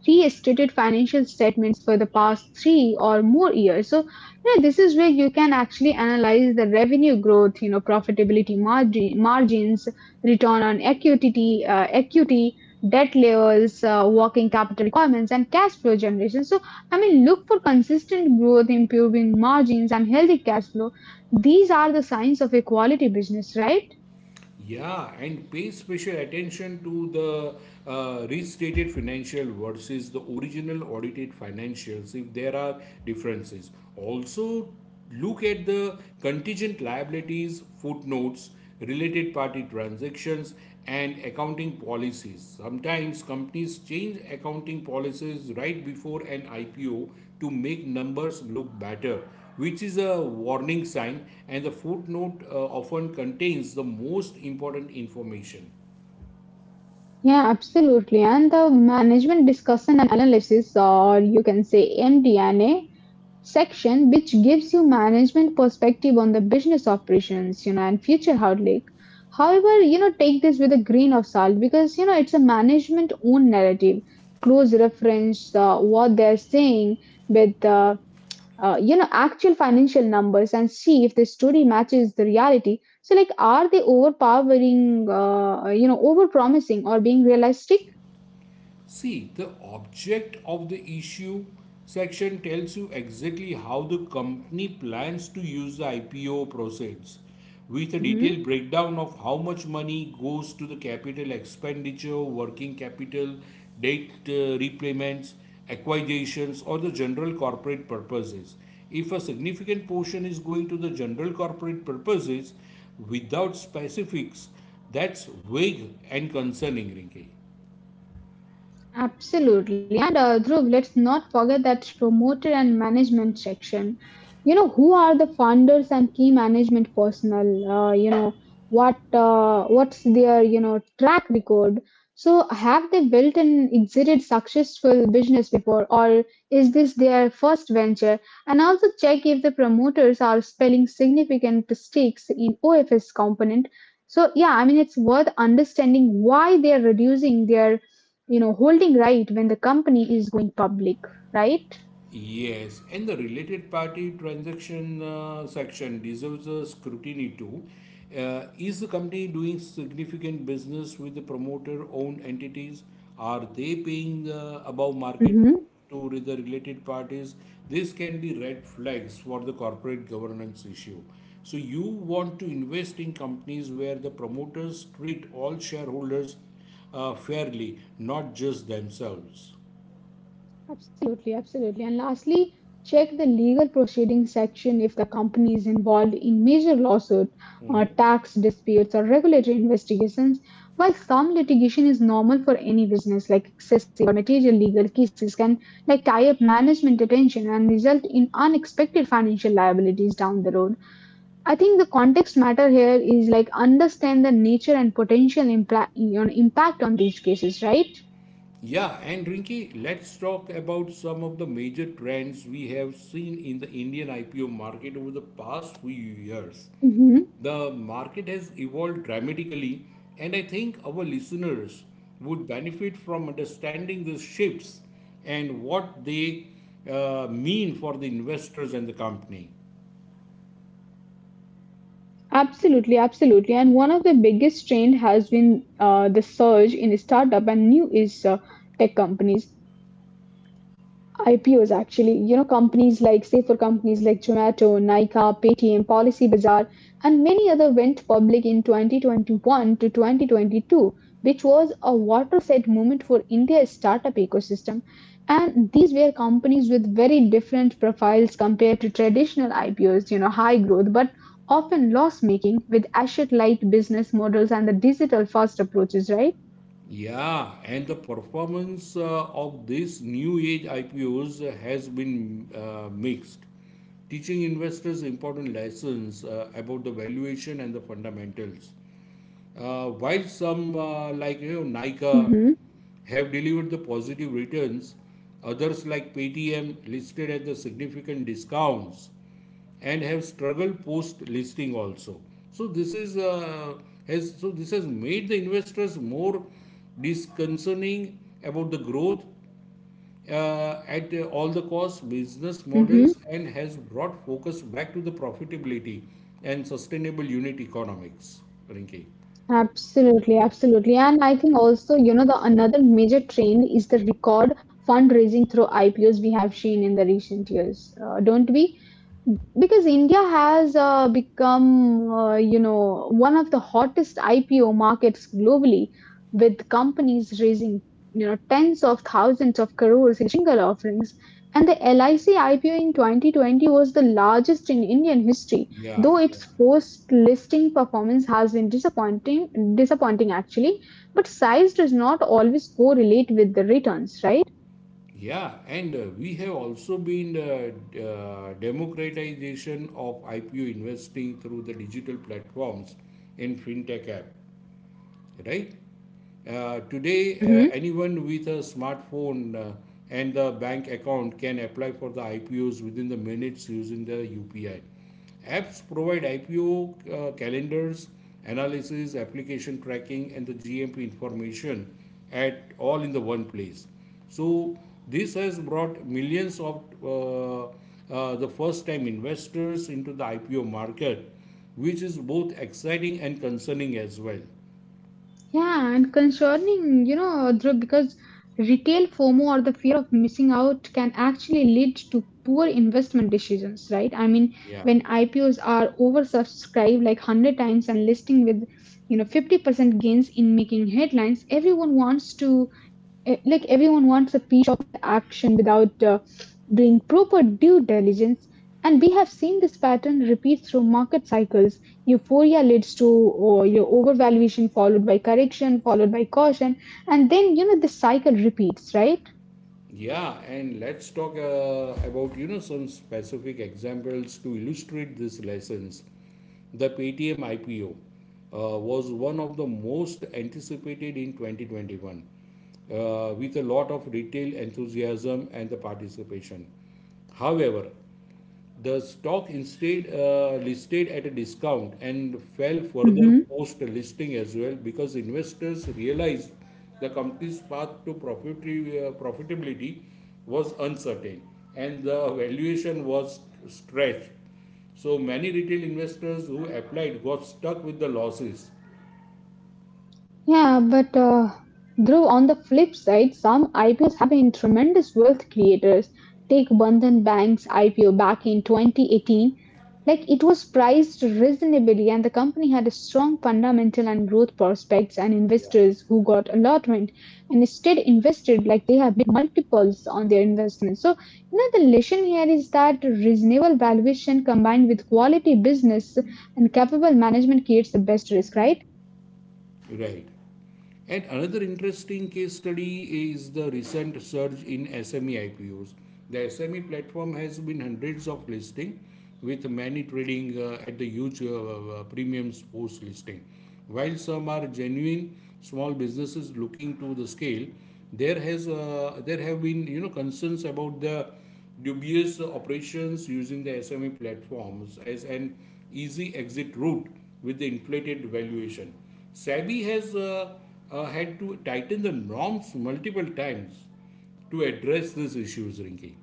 A: restated financial statements for the past three or more years. So, you know, this is where you can actually analyze the revenue growth, you know, profitability margins, return on equity, debt levels, working capital requirements, and cash flow generation. So, I mean, look for consistent growth, improving margins, and healthy cash flow. These are the signs of a quality business, right?
B: Yeah, and pay special attention to the restated financial versus the original audited financials if there are differences. Also, look at the contingent liabilities, footnotes, related party transactions, and accounting policies. Sometimes companies change accounting policies right before an IPO to make numbers look better, which is a warning sign, and the footnote often contains the most important information.
A: Yeah, absolutely. And the management discussion and analysis, or you can say MDNA section, which gives you management perspective on the business operations, you know, and future outlook. However, you know, take this with a grain of salt because you know it's a management own narrative. Close reference what they're saying with the you know actual financial numbers and see if the story matches the reality so like are they overpowering you know over promising or being realistic
B: See, the object of the issue section tells you exactly how the company plans to use the IPO proceeds, with a detailed
A: hmm
B: breakdown of how much money goes to the capital expenditure, working capital, debt repayments, acquisitions, or the general corporate purposes. If a significant portion is going to the general corporate purposes without specifics, that's vague and concerning, Rinki.
A: Absolutely. And Dhruv, let's not forget that promoter and management section. You know, who are the funders and key management personnel? What what's their track record? So have they built and exited successful business before, or is this their first venture? And also check if the promoters are spelling significant stakes in OFS component. So yeah, I mean it's worth understanding why they are reducing their holding, right, when the company is going public, right.
B: Yes, and the related party transaction section deserves a scrutiny too. Is the company doing significant business with the promoter owned entities? Are they paying above market
A: hmm
B: to the related parties? This can be red flags for the corporate governance issue. So, you want to invest in companies where the promoters treat all shareholders fairly, not just themselves.
A: Absolutely, absolutely. And lastly, check the legal proceedings section. If the company is involved in major lawsuits, or tax disputes or regulatory investigations, while some litigation is normal for any business, like excessive or material legal cases can like tie up management attention and result in unexpected financial liabilities down the road. I think the context matter here is like understand the nature and potential impact on these cases, right?
B: Yeah, and Rinki, let's talk about some of the major trends we have seen in the Indian IPO market over the past few years.
A: hmm
B: The market has evolved dramatically, and I think our listeners would benefit from understanding these shifts and what they mean for the investors and the company.
A: Absolutely, absolutely. And one of the biggest trend has been the surge in startup and new is tech companies. IPOs actually, you know, companies like, say, for companies like Zomato, Nykaa, Paytm, Policybazaar, and many other went public in 2021 to 2022, which was a watershed moment for India's startup ecosystem. And these were companies with very different profiles compared to traditional IPOs, you know, high growth, but often loss making with asset light business models and the digital first approaches, right?
B: Yeah, and the performance of these new age IPOs has been mixed, teaching investors important lessons about the valuation and the fundamentals. While some like Nika
A: Mm-hmm.
B: have delivered the positive returns, others like Paytm listed at the significant discounts and have struggled post listing also. So this has made the investors more disconcerning about the growth at all the cost business models and has brought focus back to the profitability and sustainable unit economics, Rinki.
A: Absolutely, absolutely. And I think also, you know, the another major trend is the record fundraising through IPOs we have seen in the recent years, don't we? Because India has become, you know, one of the hottest IPO markets globally, with companies raising, you know, tens of thousands of crores in single offerings. And the LIC IPO in 2020 was the largest in Indian history.
B: Yeah,
A: Though
B: yeah,
A: its post-listing performance has been disappointing actually, but size does not always correlate with the returns, right?
B: yeah, and we have also been democratization of IPO investing through the digital platforms and fintech app. Right? Today,
A: hmm
B: anyone with a smartphone and a bank account can apply for the IPOs within the minutes using the UPI. Apps provide IPO calendars, analysis, application tracking, and the GMP information at all in the one place. So this has brought millions of the first-time investors into the IPO market, which is both exciting and concerning as well.
A: Yeah, and concerning, you know, Dhruv, because retail FOMO, or the fear of missing out, can actually lead to poor investment decisions, right? I mean,
B: Yeah,
A: when IPOs are oversubscribed like 100 times and listing with, you know, 50% gains in making headlines, everyone wants to everyone wants a piece of the action without doing proper due diligence. And we have seen this pattern repeat through market cycles. Euphoria leads to or your overvaluation, followed by correction, followed by caution, and then you know the cycle repeats, right.
B: yeah, and let's talk about some specific examples to illustrate these lessons. The Paytm IPO was one of the most anticipated in 2021, with a lot of retail enthusiasm and the participation. However, the stock instead listed at a discount and fell further
A: Mhm.
B: post listing as well because investors realized the company's path to profitability was uncertain and the valuation was stretched. So many retail investors who applied got stuck with the losses.
A: Yeah, but Dhruv, on the flip side, some IPOs have been tremendous wealth creators. Take Bandhan Bank's IPO back in 2018. Like, it was priced reasonably, and the company had a strong fundamental and growth prospects, and investors who got allotment and instead invested like they have made multiples on their investment. So, you know, the lesson here is that reasonable valuation combined with quality business and capable management creates the best risk, right?
B: Right. And another interesting case study is the recent surge in SME IPOs. The SME platform has been hundreds of listing with many trading at the huge premiums post listing. While some are genuine small businesses looking to the scale, there has there have been concerns about the dubious operations using the SME platforms as an easy exit route with the inflated valuation. SEBI has had to tighten the norms multiple times to address these issues, Rinki.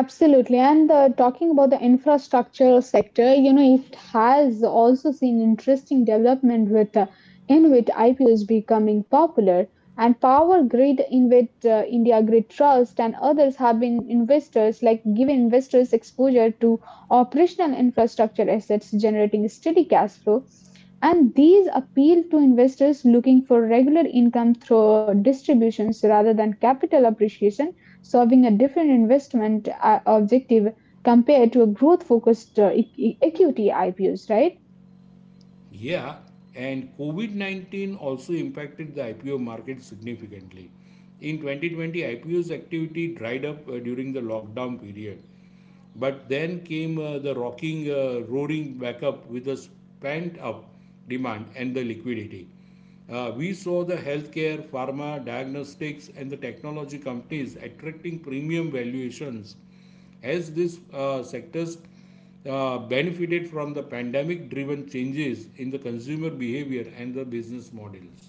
A: Absolutely. And talking about the infrastructure sector, you know, it has also seen interesting development with InvIT IPOs becoming popular. And Power Grid, InvIT, India Grid Trust, and others have been investors like giving investors exposure to operational infrastructure assets generating steady cash flow. And these appeal to investors looking for regular income through distributions rather than capital appreciation, solving a different investment objective compared to a growth focused equity IPOs, right?
B: Yeah, and COVID-19 also impacted the IPO market significantly. In 2020, IPO's activity dried up during the lockdown period, but then came roaring back up with a pent up demand and the liquidity. We saw the healthcare, pharma, diagnostics, and the technology companies attracting premium valuations as these sectors benefited from the pandemic driven changes in the consumer behavior and the business models.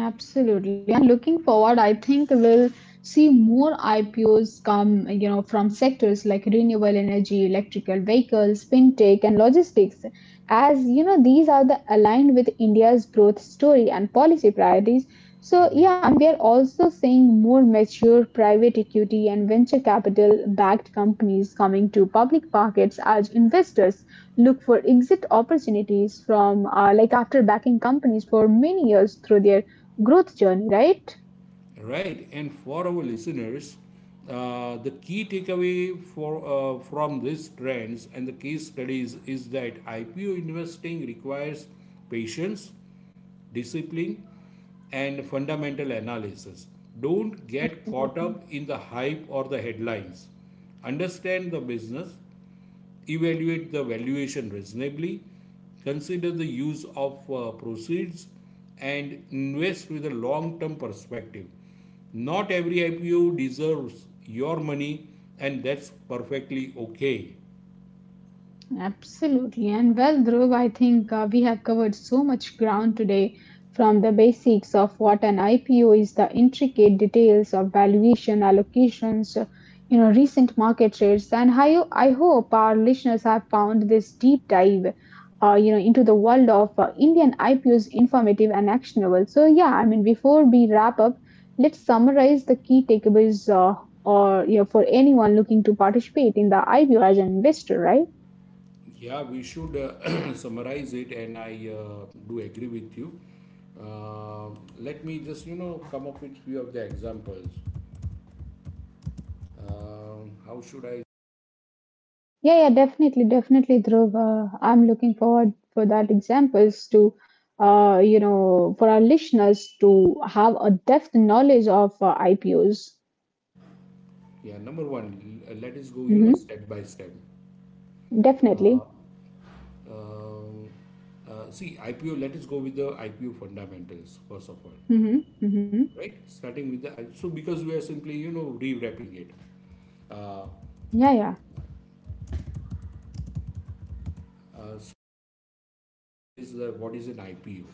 A: Absolutely. And looking forward, I think we'll see more IPOs come, you know, from sectors like renewable energy, electrical vehicles, fintech, and logistics, as you know, these are the aligned with India's growth story and policy priorities. So yeah,
B: Right.
A: I mean, we are also seeing more mature private equity and venture capital backed companies coming to public markets as investors look for exit opportunities from like after backing companies for many years through their growth journey, right?
B: Right, and for our listeners, the key takeaway for from these trends and the case studies is that IPO investing requires patience, discipline, and fundamental analysis. Don't get
A: Absolutely,
B: caught up in the hype or the headlines. Understand the business, evaluate the valuation reasonably, consider the use of proceeds, and invest with a long term perspective. Not every IPO deserves your money, and that's perfectly okay.
A: absolutely. And well, Dhruv, I think we have covered so much ground today, from the basics of what an IPO is, the intricate details of valuation, allocations, recent market rates. And I hope our listeners have found this deep dive, into the world of Indian IPOs informative and actionable. So, yeah, I mean, before we wrap up, let's summarize the key takeaways, or for anyone looking to participate in the IPO as an investor, right?
B: Yeah, we should summarize it, and I do agree with you. Uh, Let me just come up with few of the examples. How should I?
A: Yeah, yeah, definitely, definitely, Dhruv. I'm looking forward for that examples to, for our listeners to have a depth knowledge of IPOs.
B: Yeah, number one, let us go
A: Hmm.
B: step by step. Uh,
A: Definitely.
B: Um, See, IPO, let us go with the IPO fundamentals, first of all,
A: Hmm. Hmm.
B: right? Starting with the, so because we are simply, rewrapping it. Uh,
A: Yeah, yeah,
B: so it is what is an IPO,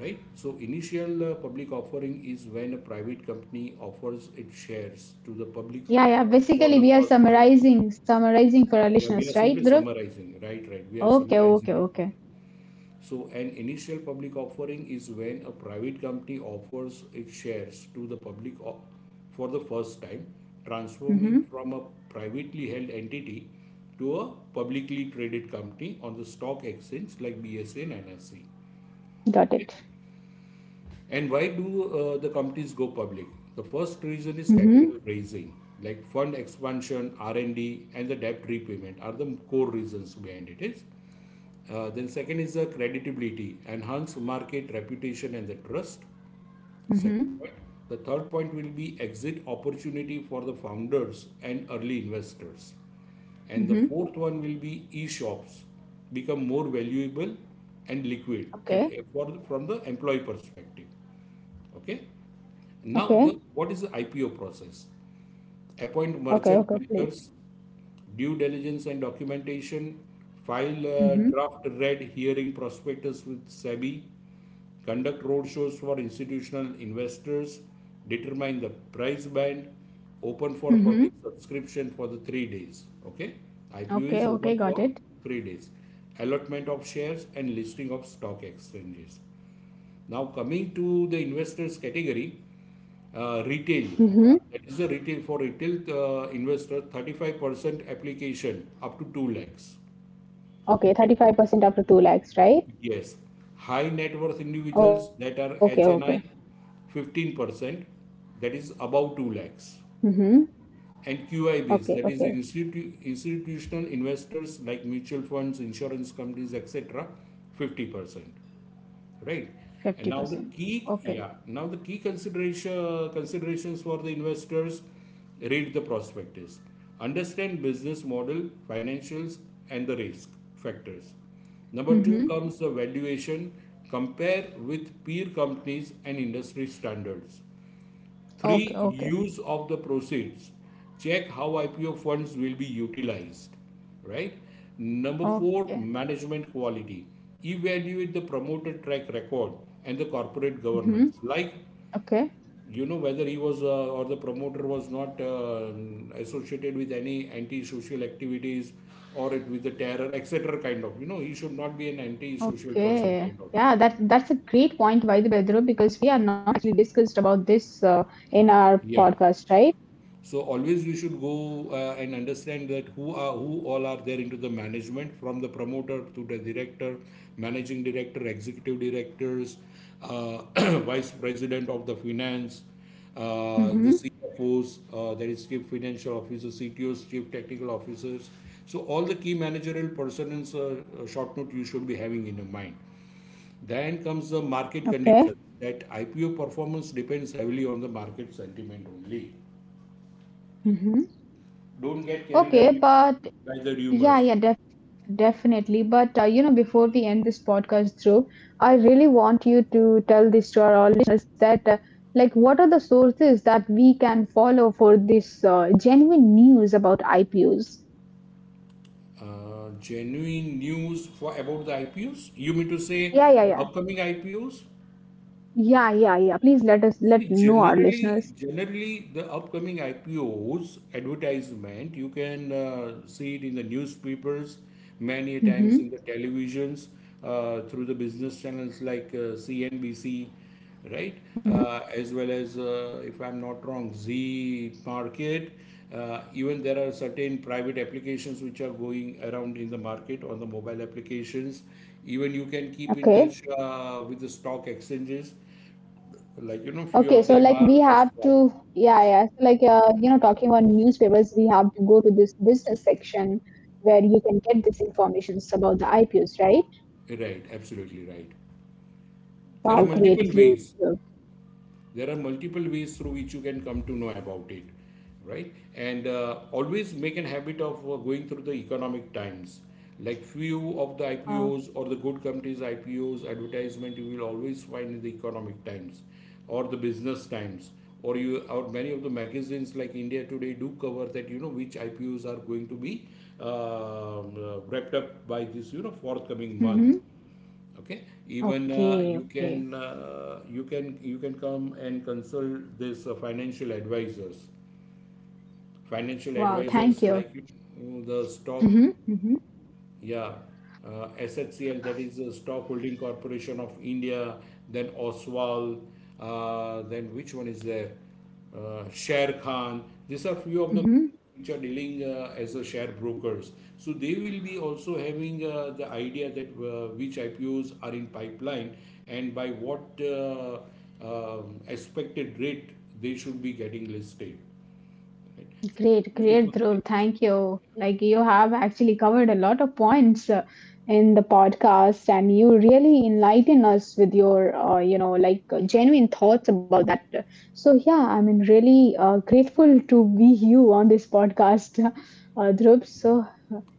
B: right? So initial public offering is when a private company offers its shares to the public
A: yeah,
B: uh,
A: yeah.
B: for
A: Basically,
B: the
A: we are
B: first time.
A: summarizing for our
B: Yeah, we are
A: listeners, right,
B: simply
A: Dhruv?
B: summarizing, right? Right. We are
A: Okay,
B: summarizing
A: okay,
B: it.
A: okay.
B: So an initial public offering is when a private company offers its shares to the public for the first time, transforming
A: Hmm.
B: from a privately held entity to a publicly traded company on the stock exchange like BSE and NSE.
A: Got
B: Okay.
A: it.
B: And why do the companies go public? The first reason is
A: Hmm.
B: capital raising, like fund expansion, R&D, and D, and the debt repayment are the core reasons behind it is. Then second is the creditability, enhance market reputation and the trust. Second
A: Hmm.
B: point. The third point will be exit opportunity for the founders and early investors. And the
A: Hmm.
B: fourth one will be e-shops become more valuable and liquid
A: Okay,
B: from the employee perspective. Okay. Now,
A: okay,
B: the, what is the IPO process? Appoint
A: okay,
B: merchant
A: okay. Please.
B: bankers, due diligence and documentation, file a
A: Hmm.
B: draft red hearing prospectus with SEBI, conduct roadshows for institutional investors, determine the price band, open for
A: Hmm.
B: public subscription for the 3 days. Okay, IPO
A: Okay,
B: is
A: okay,
B: open
A: got
B: for
A: it.
B: 3 days, allotment of shares and listing of stock exchanges. Now, coming to the investors category, retail,
A: Mm-hmm.
B: that is the retail for retail investor, 35% application up to 2 lakhs.
A: Okay,
B: Right?
A: 35% up to 2 lakhs, right?
B: Yes. High net
A: Okay,
B: worth
A: okay.
B: individuals that are HNI, 15%, that is above 2 lakhs.
A: Mm-hmm.
B: And
A: Okay,
B: QIBs, that is
A: okay.
B: institutional investors like mutual funds, insurance companies, etc., 50%. Right? And now the
A: 50%. Okay.
B: key considerations for the investors: read the prospectus, understand business model, financials, and the risk factors. Number two
A: Mm-hmm.
B: comes the valuation. Compare with peer companies and industry standards. Three,
A: Okay, okay.
B: use of the proceeds. Check how IPO funds will be utilized, right? Number four,
A: Okay.
B: management quality. Evaluate the promoter track record and the corporate
A: Mm-hmm.
B: governance. Like,
A: Okay.
B: whether he was or the promoter was not associated with any anti-social activities or it with the terror, etc. kind of, he should not be an anti-social person
A: Okay.
B: kind of.
A: Yeah, that that's a great point, by the way, Dhruv, because we are not actually discussed about this in our
B: Yeah.
A: podcast, right?
B: So always we should go and understand that who all are there into the management, from the promoter to the director, managing director, executive directors, uh, vice president of the finance, the
A: Mm-hmm.
B: CFOs, there is chief financial officer, CTOs, chief technical officers. So all the key managerial persons short note you should be having in your mind. Then comes the market
A: Okay.
B: conditions that IPO performance depends heavily on the market sentiment only.
A: Mm-hmm.
B: Don't get carried
A: Okay,
B: away
A: but
B: by the
A: Yeah,
B: rumors.
A: definitely. But you know, before we end this podcast, Dhruv, I really want you to tell this to our listeners that, like, what are the sources that we can follow for this genuine news about IPOs?
B: Genuine news for about the IPOs? You mean to say
A: Yeah, yeah,
B: the
A: yeah,
B: upcoming IPOs?
A: yeah, yeah, yeah. Please let us
B: See,
A: let know our listeners.
B: generally the upcoming IPOs advertisement, you can see it in the newspapers, many a times in the
A: Mm-hmm.
B: televisions, through the business channels like CNBC, right? As well as, if I'm not wrong, Z Market. Even there are certain private applications which are going around in the market on the mobile applications. Even you can keep in
A: Okay.
B: touch with the stock exchanges, like few of
A: Okay, so
B: them
A: like
B: are
A: we have
B: Oswald.
A: to, yeah, yeah. So like you know, talking about newspapers, we have to go to this business section where you can get this information about the IPOs, right?
B: Right, absolutely right. there are
A: Wow, great,
B: multiple
A: great.
B: ways
A: uh,
B: there are multiple ways through which you can come to know about it, right? And always make an habit of going through the Economic Times, like few of the
A: Wow.
B: ipos or the good companies ipos advertisement you will always find in the Economic Times or the Business Times, or you, or many of the magazines like India Today do cover that which ipos are going to be wrapped up by this forthcoming month.
A: Mm-hmm.
B: Okay, even
A: Okay,
B: you
A: okay.
B: can you can come and consult this financial advisors. Financial
A: Wow, thank
B: advisors
A: you.
B: like, the stock,
A: Mm-hmm. Mm-hmm.
B: yeah, SHCL, that is the Stock Holding Corporation of India, then Oswal, then which one is there? Sher Khan. These are few of the
A: Mm-hmm.
B: which are dealing as a share brokers. So they will be also having the idea that which IPOs are in pipeline and by what expected rate they should be getting listed. Right?
A: Great, great,
B: Multiple.
A: Dhruv. Thank you. Like you have actually covered a lot of points in the podcast, and you really enlighten us with your, genuine thoughts about. So yeah, I mean, really grateful to be you on this podcast, Dhruv. So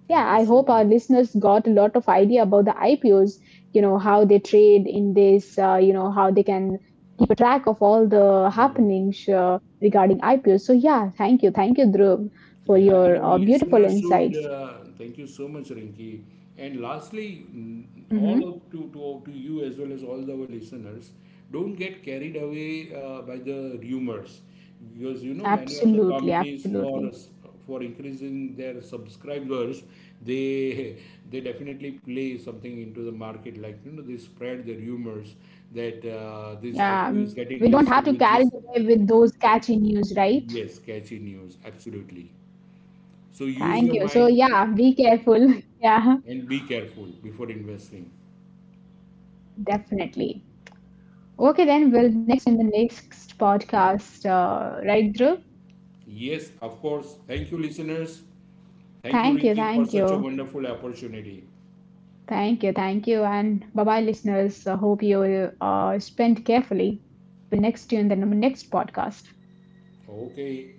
A: yeah,
B: Thank you
A: I
B: so
A: hope our
B: much.
A: listeners got a lot of idea about the IPOs. You know how they trade in this. You know how they can track of all the
B: Mm.
A: happenings regarding IPOs. So yeah, thank you, Dhruv, for
B: Yeah, and our
A: your beautiful
B: listeners should
A: insights.
B: thank you so much, Rinki. And lastly, mm, all
A: Hmm.
B: of to you as well as all our listeners, don't get carried away by the rumors, because many of the
A: Absolutely,
B: companies,
A: absolutely.
B: for increasing their subscribers, they they definitely play something into the market, like they spread the rumors that this IPO
A: Yeah,
B: is
A: we don't
B: getting
A: have
B: listed
A: to
B: with
A: carry
B: this.
A: away with those catchy news, right?
B: Yes, catchy news, absolutely. So use
A: Thank
B: your
A: you. So
B: mind
A: yeah, be careful. Yeah.
B: and be careful before investing.
A: Definitely. Okay, then we'll next in the next podcast, right, Dhruv?
B: Yes, of course. Thank you, listeners. Thank you,
A: Thank you,
B: Rinki, for
A: thank
B: such a
A: you,
B: wonderful opportunity.
A: thank you, thank you, and bye bye, listeners. I hope you spend carefully. We'll next you in the next podcast.
B: Okay.